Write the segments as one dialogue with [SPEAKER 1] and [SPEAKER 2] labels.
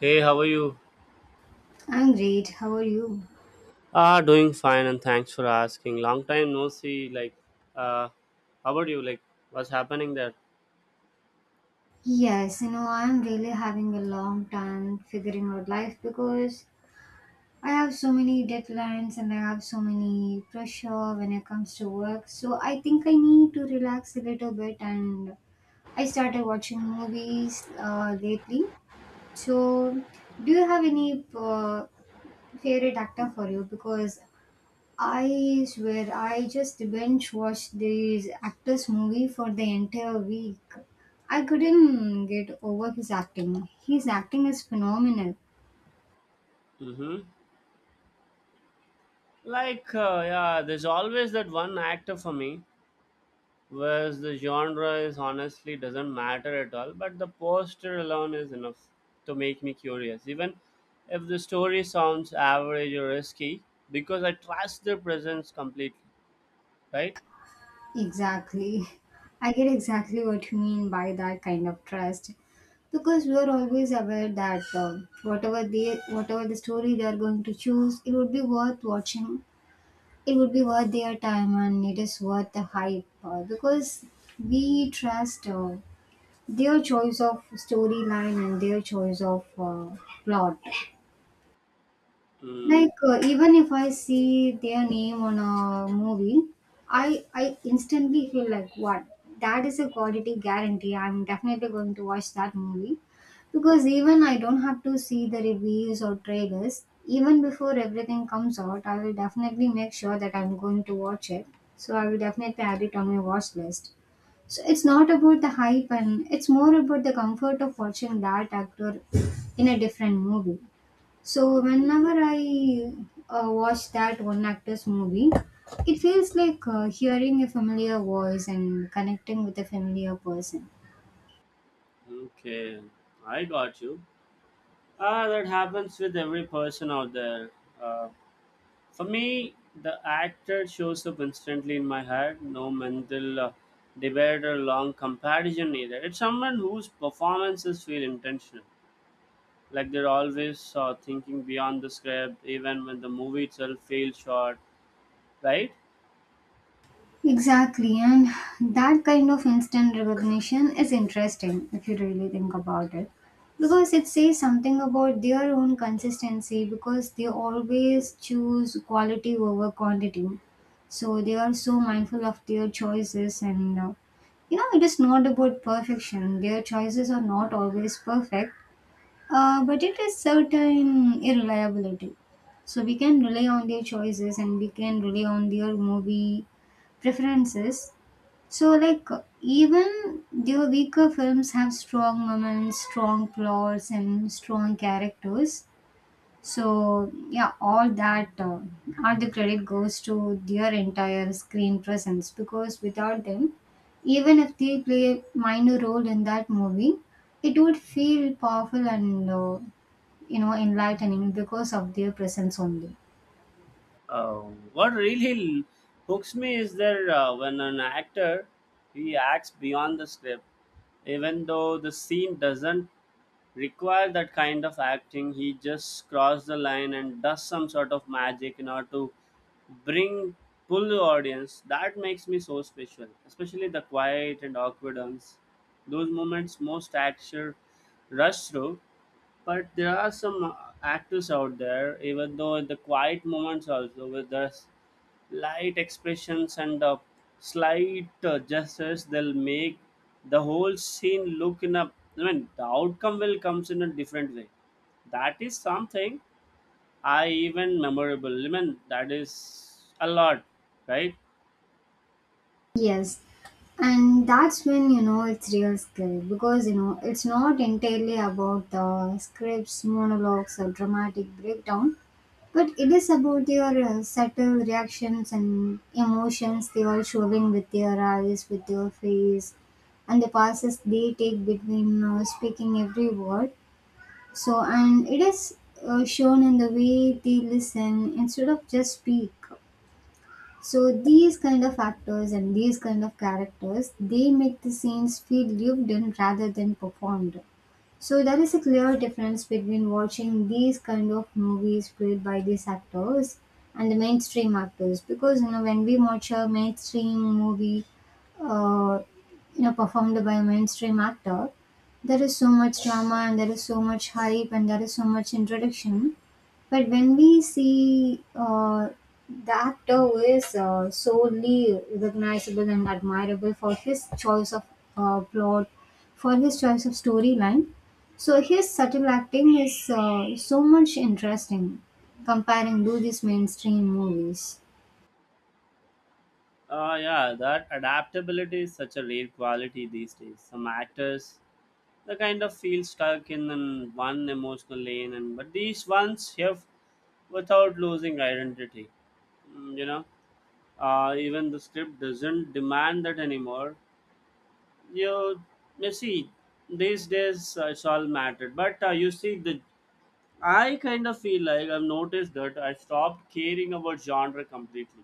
[SPEAKER 1] Hey, how are you?
[SPEAKER 2] I'm great. How are you?
[SPEAKER 1] Ah, doing fine, and thanks for asking. Long time no see. Uh, how about you? Like, what's happening there?
[SPEAKER 2] Yes, I'm really having a long time figuring out life because I have so many deadlines and I have so many pressure when it comes to work. So I think I need to relax a little bit and I started watching movies lately. So do you have any favorite actor for you? Because I swear, I just binge watched this actor's movie for the entire week. I couldn't get over his acting. His acting is phenomenal.
[SPEAKER 1] Mm-hmm. Yeah, there's always that one actor for me, whereas the genre is honestly doesn't matter at all. But the poster alone is enough to make me curious, even if the story sounds average or risky, because I trust their presence completely. Right?
[SPEAKER 2] Exactly. I get exactly what you mean by that kind of trust. Because we are always aware that whatever the story they are going to choose, it would be worth watching. It would be worth their time, and it is worth the hype. Because we trust. Their choice of storyline and their choice of plot.
[SPEAKER 1] Mm,
[SPEAKER 2] Like even if I see their name on a movie, I instantly feel like what that is a quality guarantee. I'm definitely going to watch that movie because even I don't have to see the reviews or trailers. Even before everything comes out, I will definitely make sure that I'm going to watch it. So I will definitely add it on my watch list. So it's not about the hype and it's more about the comfort of watching that actor in a different movie. So whenever I watch that one actor's movie, it feels like hearing a familiar voice and connecting with a familiar person.
[SPEAKER 1] okay, I got you. Ah, that happens with every person out there. Uh, for me, the actor shows up instantly in my head. No mental debate or long comparison either. It's someone whose performances feel intentional. Like they're always thinking beyond the script, even when the movie itself feels short, right?
[SPEAKER 2] Exactly, and that kind of instant recognition is interesting if you really think about it. Because it says something about their own consistency because they always choose quality over quantity. So they are so mindful of their choices and it is not about perfection. Their choices are not always perfect, but it is certain irreliability. So we can rely on their choices and we can rely on their movie preferences. So like even their weaker films have strong moments, strong plots and strong characters. So yeah, all that, all the credit goes to their entire screen presence because without them, even if they play a minor role in that movie, it would feel powerful and enlightening because of their presence only.
[SPEAKER 1] Uh, what really hooks me is that when an actor he acts beyond the script, even though the scene doesn't require that kind of acting. He just crossed the line and does some sort of magic in order to bring pull the audience. That makes me so special, especially the quiet and awkward ones. Those moments most actor rush through, but there are some actors out there, even though in the quiet moments also with the light expressions and the slight gestures, they'll make the whole scene look in a. I mean, the outcome will comes in a different way. That is something I even memorable. I mean, that is a lot, right?
[SPEAKER 2] Yes, and that's when you know it's real skill because you know it's not entirely about the scripts monologues or dramatic breakdown but it is about your subtle reactions and emotions they are showing with your eyes with your face and the passes they take between speaking every word so and it is shown in the way they listen instead of just speak so these kind of actors and these kind of characters, they make the scenes feel lived in rather than performed. So there is a clear difference between watching these kind of movies played by these actors and the mainstream actors because you know when we watch a mainstream movie uh, performed by a mainstream actor, there is so much drama and there is so much hype and there is so much introduction but when we see the actor who is solely recognizable and admirable for his choice of plot, for his choice of storyline, so his subtle acting is so much interesting comparing to these mainstream movies.
[SPEAKER 1] Yeah, that adaptability is such a rare quality these days. Some actors they kind of feel stuck in one emotional lane and but these ones have, without losing identity. Mm, you know, even the script doesn't demand that anymore. you you see these days it's all mattered but you see the I kind of feel like I've noticed that I stopped caring about genre completely,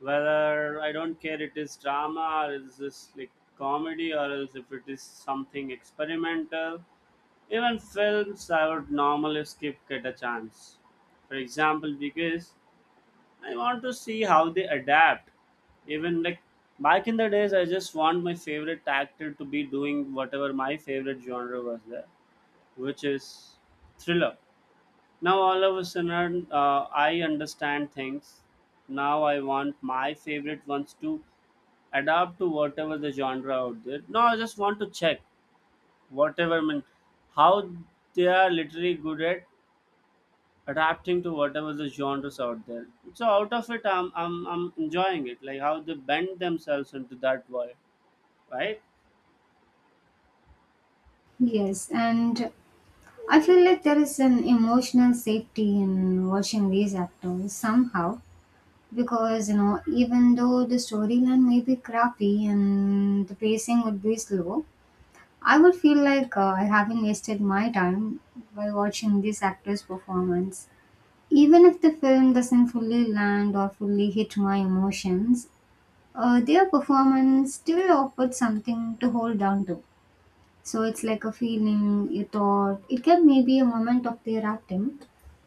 [SPEAKER 1] whether I don't care it is drama or is this like comedy or else if it is something experimental. Even films I would normally skip get a chance. For example, because I want to see how they adapt. Even like back in the days, I just want my favorite actor to be doing whatever my favorite genre was there, which is thriller. Now all of a sudden, I understand things. Now I want my favorite ones to adapt to whatever the genre out there. No, I just want to check whatever I mean how they are literally good at adapting to whatever the genres out there. So out of it, I'm enjoying it. Like how they bend themselves into that world, right?
[SPEAKER 2] Yes, and I feel like there is an emotional safety in watching these actors somehow because even though the storyline may be crappy and the pacing would be slow I would feel like I haven't wasted my time by watching this actor's performance even if the film doesn't fully land or fully hit my emotions their performance still offered something to hold on to so it's like a feeling a thought it can maybe a moment of their acting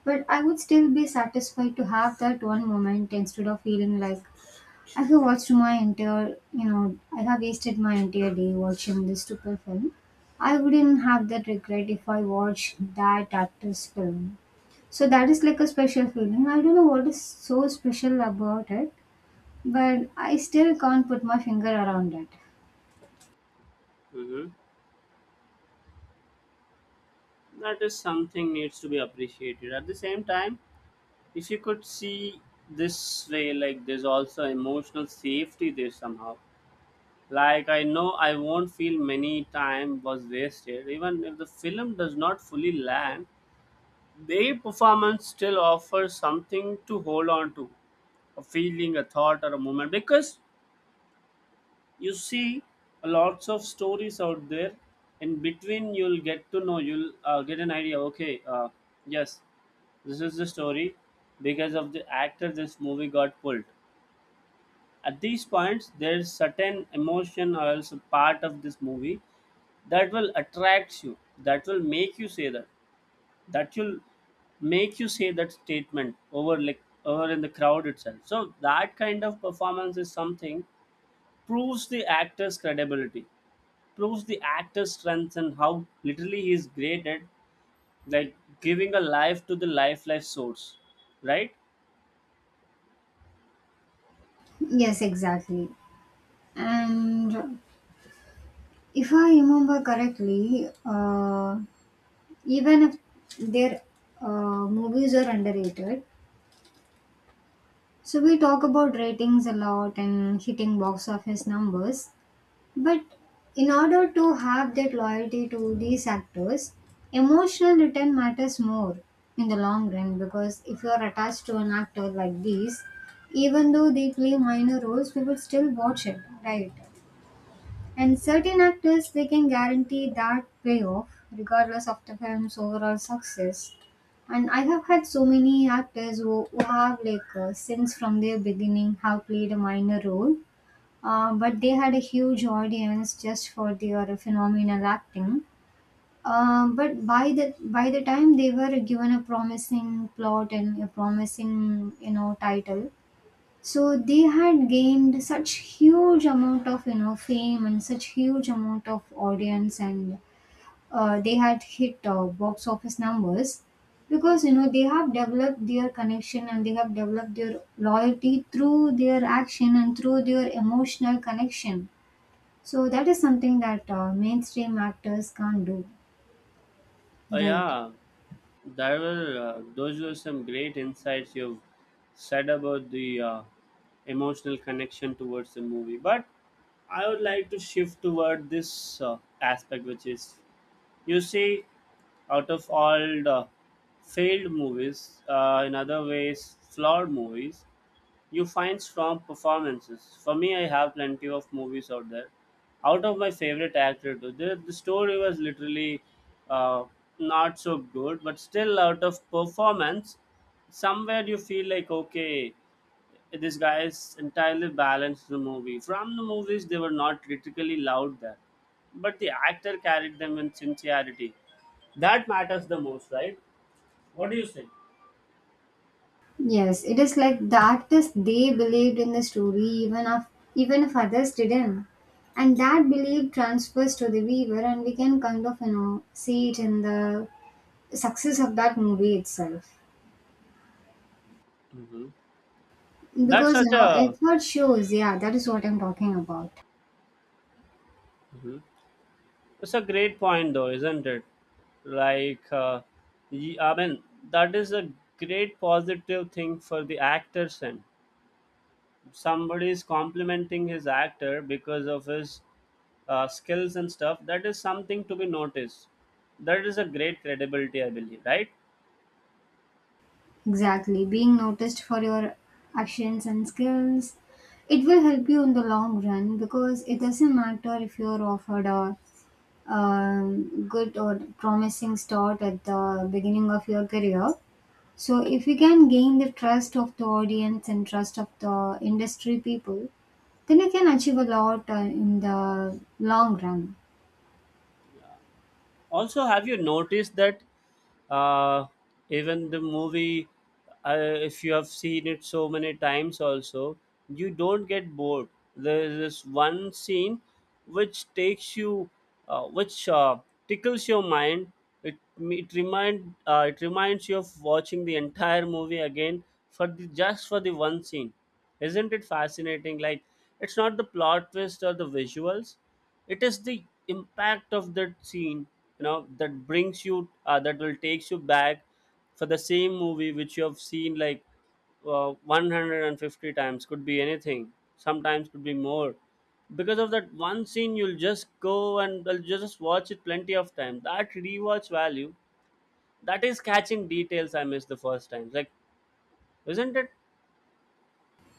[SPEAKER 2] but I would still be satisfied to have that one moment instead of feeling like I have watched my entire, I have wasted my entire day watching this stupid film. I wouldn't have that regret if I watched that actor's film. So that is like a special feeling. I don't know what is so special about it, but I still can't put my finger around it.
[SPEAKER 1] Hmm. That is something needs to be appreciated. At the same time, if you could see this way, like there's also emotional safety there somehow. Like I know I won't feel many time was wasted even if the film does not fully land, their performance still offers something to hold on to, a feeling, a thought, or a moment, because you see lots of stories out there. In between you'll get to know, you'll get an idea, okay, yes, this is the story. Because of the actor this movie got pulled, at these points there's certain emotion or else a part of this movie that will attract you, that will make you say that, that will statement over like over in the crowd itself. So that kind of performance is something, proves the actor's credibility, proves the actor's strength and how literally he is great at like giving a life to the life source, right?
[SPEAKER 2] Yes, exactly. And if I remember correctly, even if their movies are underrated, so we talk about ratings a lot and hitting box office numbers, but in order to have that loyalty to these actors, emotional return matters more in the long run because if you are attached to an actor like these, even though they play minor roles, we will still watch it, right? And certain actors, they can guarantee that payoff regardless of the film's overall success. And I have had so many actors who have like, since from their beginning, have played a minor role, but they had a huge audience just for their phenomenal acting. But by the time they were given a promising plot and a promising title, so they had gained such huge amount of fame and such huge amount of audience and they had hit box office numbers because they have developed their connection and they have developed their loyalty through their action and through their emotional connection so that is something that mainstream actors can't do
[SPEAKER 1] Oh
[SPEAKER 2] right.
[SPEAKER 1] yeah, there were those were some great insights you've said about the emotional connection towards the movie, but I would like to shift toward this aspect which is, you see, out of all the failed movies, in other ways flawed movies. You find strong performances. For me, I have plenty of movies out there. Out of my favorite actor, too. The story was literally uh, not so good, but still, out of performance, somewhere you feel like, okay, this guy is entirely balanced the movie. From the movies, they were not critically loud there, but the actor carried them in sincerity. That matters the most, right? What do you say?
[SPEAKER 2] Yes, it is like the artists they believed in the story even if even if others didn't. And that belief transfers to the viewer and we can kind of, see it in the success of that movie itself.
[SPEAKER 1] Hmm. That's
[SPEAKER 2] Because,
[SPEAKER 1] such a
[SPEAKER 2] effort shows, yeah, that is what I'm talking about.
[SPEAKER 1] Mhm. It's a great point, though, isn't it? Like, uh, I mean, that is a great positive thing for the actors, and somebody is complimenting his actor because of his skills and stuff. That is something to be noticed. That is a great credibility, I believe, right?
[SPEAKER 2] Exactly. Being noticed for your actions and skills, it will help you in the long run because it doesn't matter if you're offered a good or promising start at the beginning of your career. So, if you can gain the trust of the audience and trust of the industry people, then you can achieve a lot in the long run.
[SPEAKER 1] Also, have you noticed that uh, even the movie, uh, if you have seen it so many times, also you don't get bored. There is this one scene which takes you, which tickles your mind. It reminds you of watching the entire movie again for the just for the one scene. Isn't it fascinating? Like, it's not the plot twist or the visuals, it is the impact of that scene, you know, that brings you that will takes you back for the same movie which you have seen like 150 times, could be anything, sometimes could be more, because of that one scene you'll just go and you'll just watch it plenty of time. That rewatch value, that is catching details I missed the first time, like, isn't it?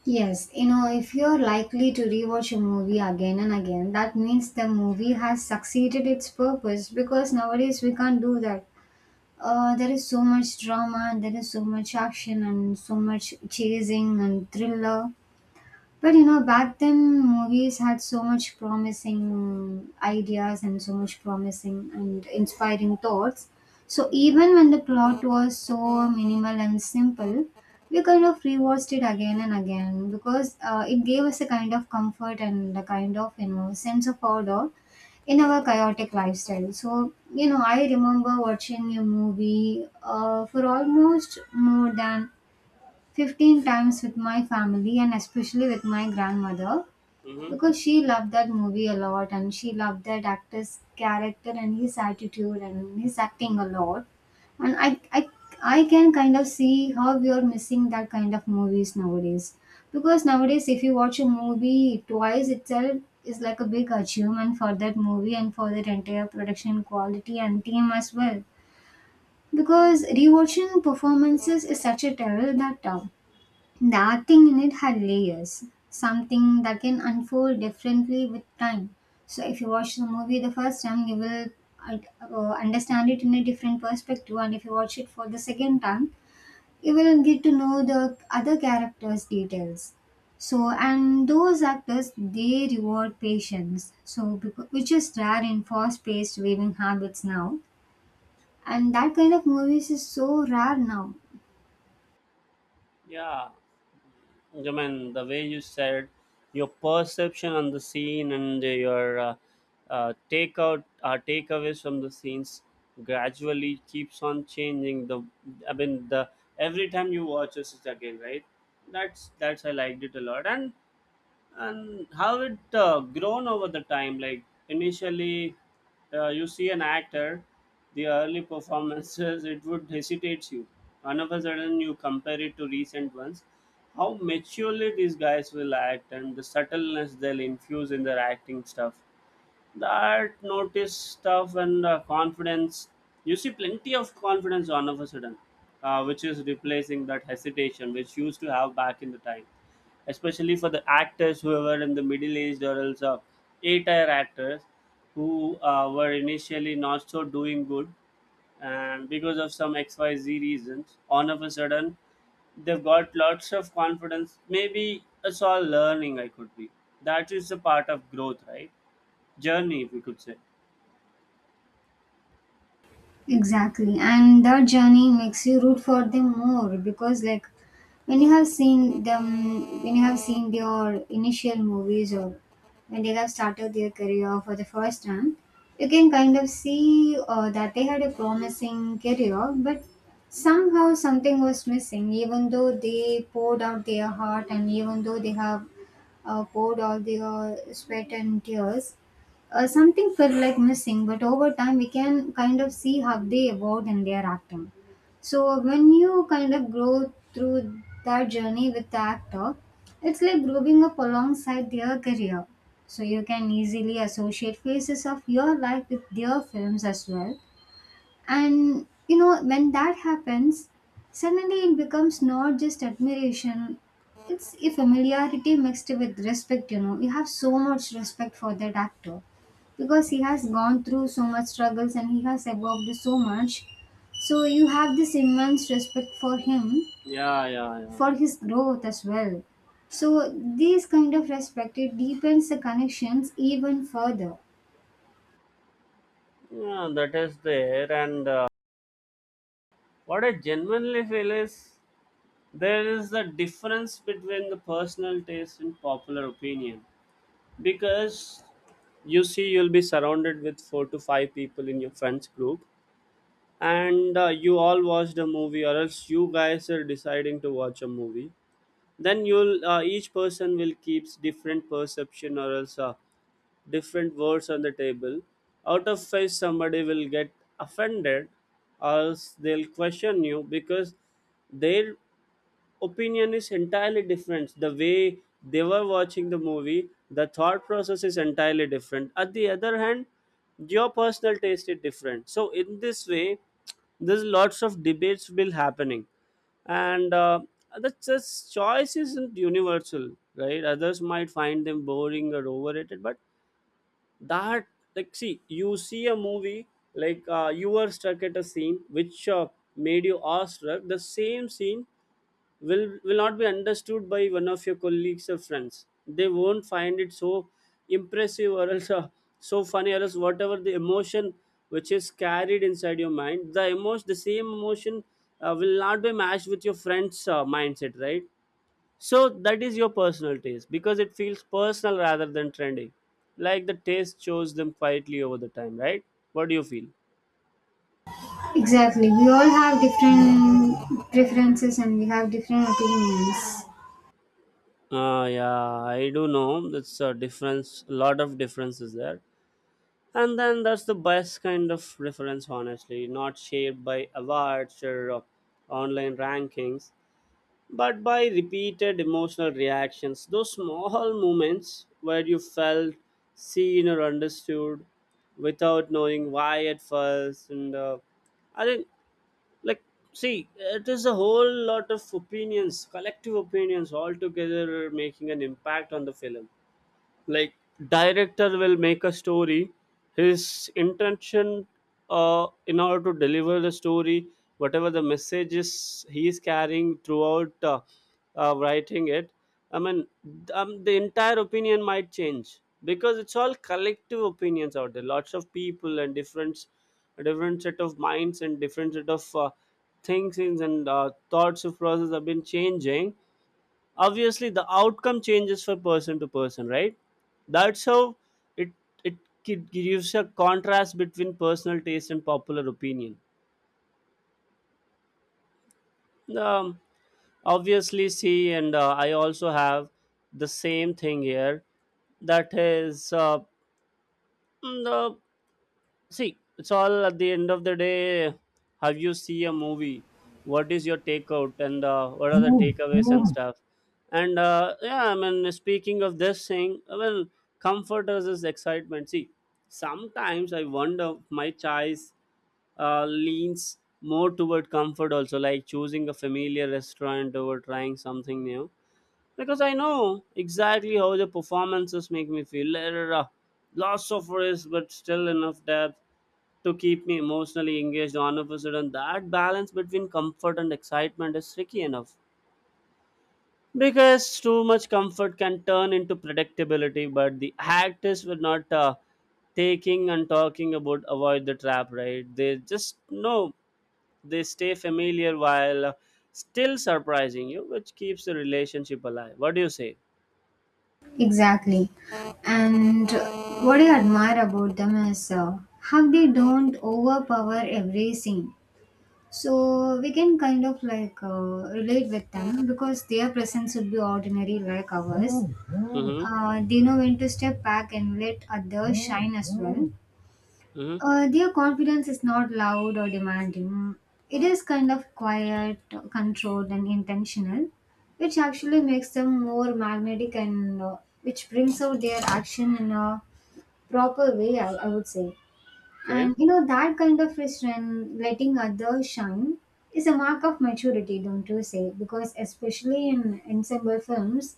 [SPEAKER 2] Yes, if you're likely to rewatch a movie again and again, that means the movie has succeeded its purpose because nowadays we can't do that. There is so much drama and there is so much action and so much chasing and thriller. But back then movies had so much promising ideas and so much promising and inspiring thoughts. So even when the plot was so minimal and simple, we kind of rewatched it again and again because it gave us a kind of comfort and a kind of sense of order in our chaotic lifestyle. So, I remember watching a movie for almost more than 15 times with my family and especially with my grandmother
[SPEAKER 1] Mm-hmm.
[SPEAKER 2] because she loved that movie a lot and she loved that actor's character and his attitude and his acting a lot and I can kind of see how we are missing that kind of movies nowadays. Because nowadays, if you watch a movie twice itself is like a big achievement for that movie and for that entire production quality and team as well. Because rewatching performances is such a terror that the acting in it had layers, something that can unfold differently with time. So, if you watch the movie the first time, you will understand it in a different perspective, and if you watch it for the second time, you will get to know the other characters' details. So, and those actors they reward patience, so which is rare in fast paced viewing habits now, and that kind of movies is so rare now.
[SPEAKER 1] Yeah, I mean, the way you said your perception on the scene and your takeout, takeaways from the scenes gradually keeps on changing. The I mean, the Every time you watch this again, right? That's I liked it a lot, and how it grown over the time. Like initially you see an actor, the early performances it would hesitate you, and of a sudden you compare it to recent ones, how maturely these guys will act and the subtleness they'll infuse in their acting stuff. That notice stuff and confidence. You see plenty of confidence all of a sudden, which is replacing that hesitation which used to have back in the time. Especially for the actors who were in the middle aged or else A-tier actors who were initially not so doing good, and because of some XYZ reasons, all of a sudden they've got lots of confidence. Maybe it's all learning I could be. That is a part of growth, right? Journey, if you could say.
[SPEAKER 2] Exactly. And that journey makes you root for them more because like when you have seen their initial movies or when they have started their career for the first time, you can kind of see that they had a promising career, but somehow something was missing, even though they poured out their heart and even though they have poured all their sweat and tears something felt like missing, but over time we can kind of see how they evolved in their acting. So when you kind of grow through that journey with the actor, it's like growing up alongside their career. So you can easily associate phases of your life with their films as well and when that happens, suddenly it becomes not just admiration, it's a familiarity mixed with respect. You know, we have so much respect for that actor because he has gone through so much struggles and he has evolved so much. So, you have this immense respect for him,
[SPEAKER 1] Yeah, yeah, yeah.
[SPEAKER 2] for his growth as well. So, this kind of respect it deepens the connections even further.
[SPEAKER 1] Yeah, that is there. And what I genuinely feel is there is a difference between the personal taste and popular opinion, because you see, you'll be surrounded with four to five people in your friends group, and you all watched a movie, or else you guys are deciding to watch a movie. Then you'll each person will keeps different perception, or else different words on the table. Out of five, somebody will get offended or else they'll question you, because their opinion is entirely different. The way they were watching the movie, the thought process is entirely different. At the other hand, your personal taste is different. So, in this way, there's lots of debates will happening, and the just choice isn't universal, right? Others might find them boring or overrated, but that, like, see, you see a movie like you were stuck at a scene which made you awestruck. The same scene will not be understood by one of your colleagues or friends. They won't find it so impressive or else so funny or else whatever the emotion which is carried inside your mind, the emotion, the same emotion will not be matched with your friend's mindset, right? So that is your personal taste, because it feels personal rather than trendy. Like the taste chose them quietly over the time, right? What do you feel?
[SPEAKER 2] Exactly. We all have different preferences and we have different opinions.
[SPEAKER 1] Yeah, I do know. That's a difference, a lot of differences there. And then that's the best kind of reference, honestly, not shaped by awards or online rankings, but by repeated emotional reactions, those small moments where you felt seen or understood without knowing why at first. And I think, like, see, it is a whole lot of opinions, collective opinions, all together making an impact on the film. Like director will make a story, his intention in order to deliver the story, whatever the message is he is carrying throughout writing it, I mean, the entire opinion might change, because it's all collective opinions out there, lots of people and different different set of minds and different set of things and thoughts of process have been changing. Obviously the outcome changes for person to person, right? That's how it it gives a contrast between personal taste and popular opinion. um, Obviously, see, and I also have the same thing here. That is mm, the See, it's all at the end of the day. Have you see a movie? What is your takeout and what are the takeaways and stuff? And yeah, I mean, speaking of this thing, well, comfort us is excitement. See, sometimes I wonder if my choice leans more toward comfort also, like choosing a familiar restaurant over trying something new. Because I know exactly how the performances make me feel. There are lots of risk, but still enough depth to keep me emotionally engaged. All of a sudden that balance between comfort and excitement is tricky enough, because too much comfort can turn into predictability, but the actors were not taking and talking about avoid the trap, right? They just know they stay familiar while still surprising you, which keeps the relationship alive. What do you say?
[SPEAKER 2] Exactly. And what I admire about them is how they don't overpower every scene. So we can kind of like relate with them because their presence would be ordinary like ours.
[SPEAKER 1] Mm-hmm.
[SPEAKER 2] They know when to step back and let others shine as well.
[SPEAKER 1] Mm-hmm.
[SPEAKER 2] Their confidence is not loud or demanding. It is kind of quiet, controlled, and intentional, which actually makes them more magnetic and which brings out their action in a proper way, I would say.
[SPEAKER 1] Okay.
[SPEAKER 2] And that kind of restraint, letting others shine, is a mark of maturity, don't you say? Because, especially in ensemble films,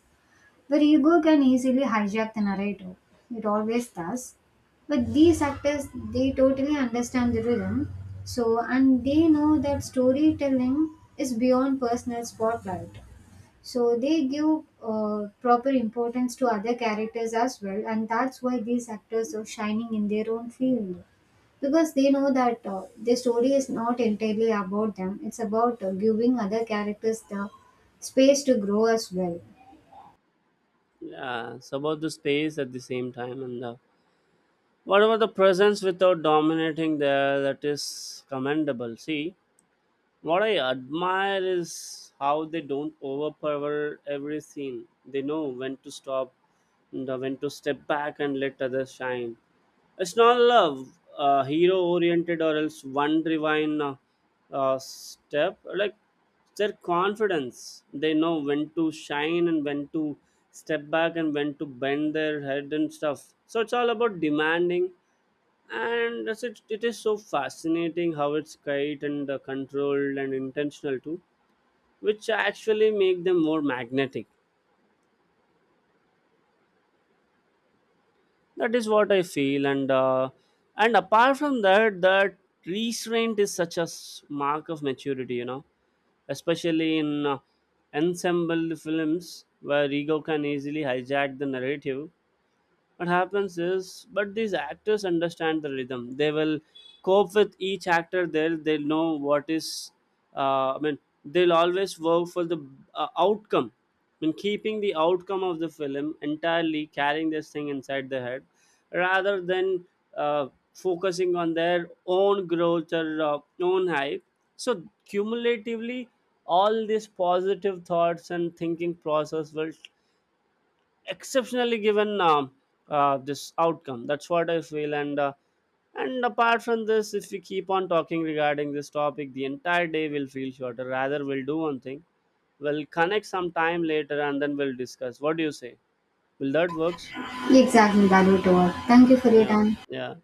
[SPEAKER 2] where ego can easily hijack the narrative. It always does. But these actors, they totally understand the rhythm. So, and they know that storytelling is beyond personal spotlight. So, they give proper importance to other characters as well, and that's why these actors are shining in their own field because they know that the story is not entirely about them it's about giving other characters the space to grow as well.
[SPEAKER 1] Yeah, it's about the space at the same time. And the what about the presence without dominating there? That is commendable. See, what I admire is how they don't overpower every scene. They know when to stop, and when to step back and let others shine. It's not love, hero oriented, or else one divine step. Like their confidence, they know when to shine and when to step back and when to bend their head and stuff. So it's all about demanding, and that's it, it is so fascinating how it's guided and controlled and intentional too, which actually make them more magnetic. That is what I feel. And and apart from that, that restraint is such a mark of maturity, you know, especially in ensemble films where ego can easily hijack the narrative. What happens is but these actors understand the rhythm, they will cope with each actor. They'll know what is I mean they'll always work for the outcome, I mean keeping the outcome of the film entirely carrying this thing inside the head, rather than uh, focusing on their own growth or own hype. So cumulatively all these positive thoughts and thinking process will exceptionally given this outcome. That's what I feel. And and apart from this, if we keep on talking regarding this topic the entire day will feel shorter. Rather we'll do one thing, we'll connect some time later and then we'll discuss. What do you say? Will that works?
[SPEAKER 2] Exactly, that would work. Thank you for your
[SPEAKER 1] Yeah,
[SPEAKER 2] time.
[SPEAKER 1] yeah.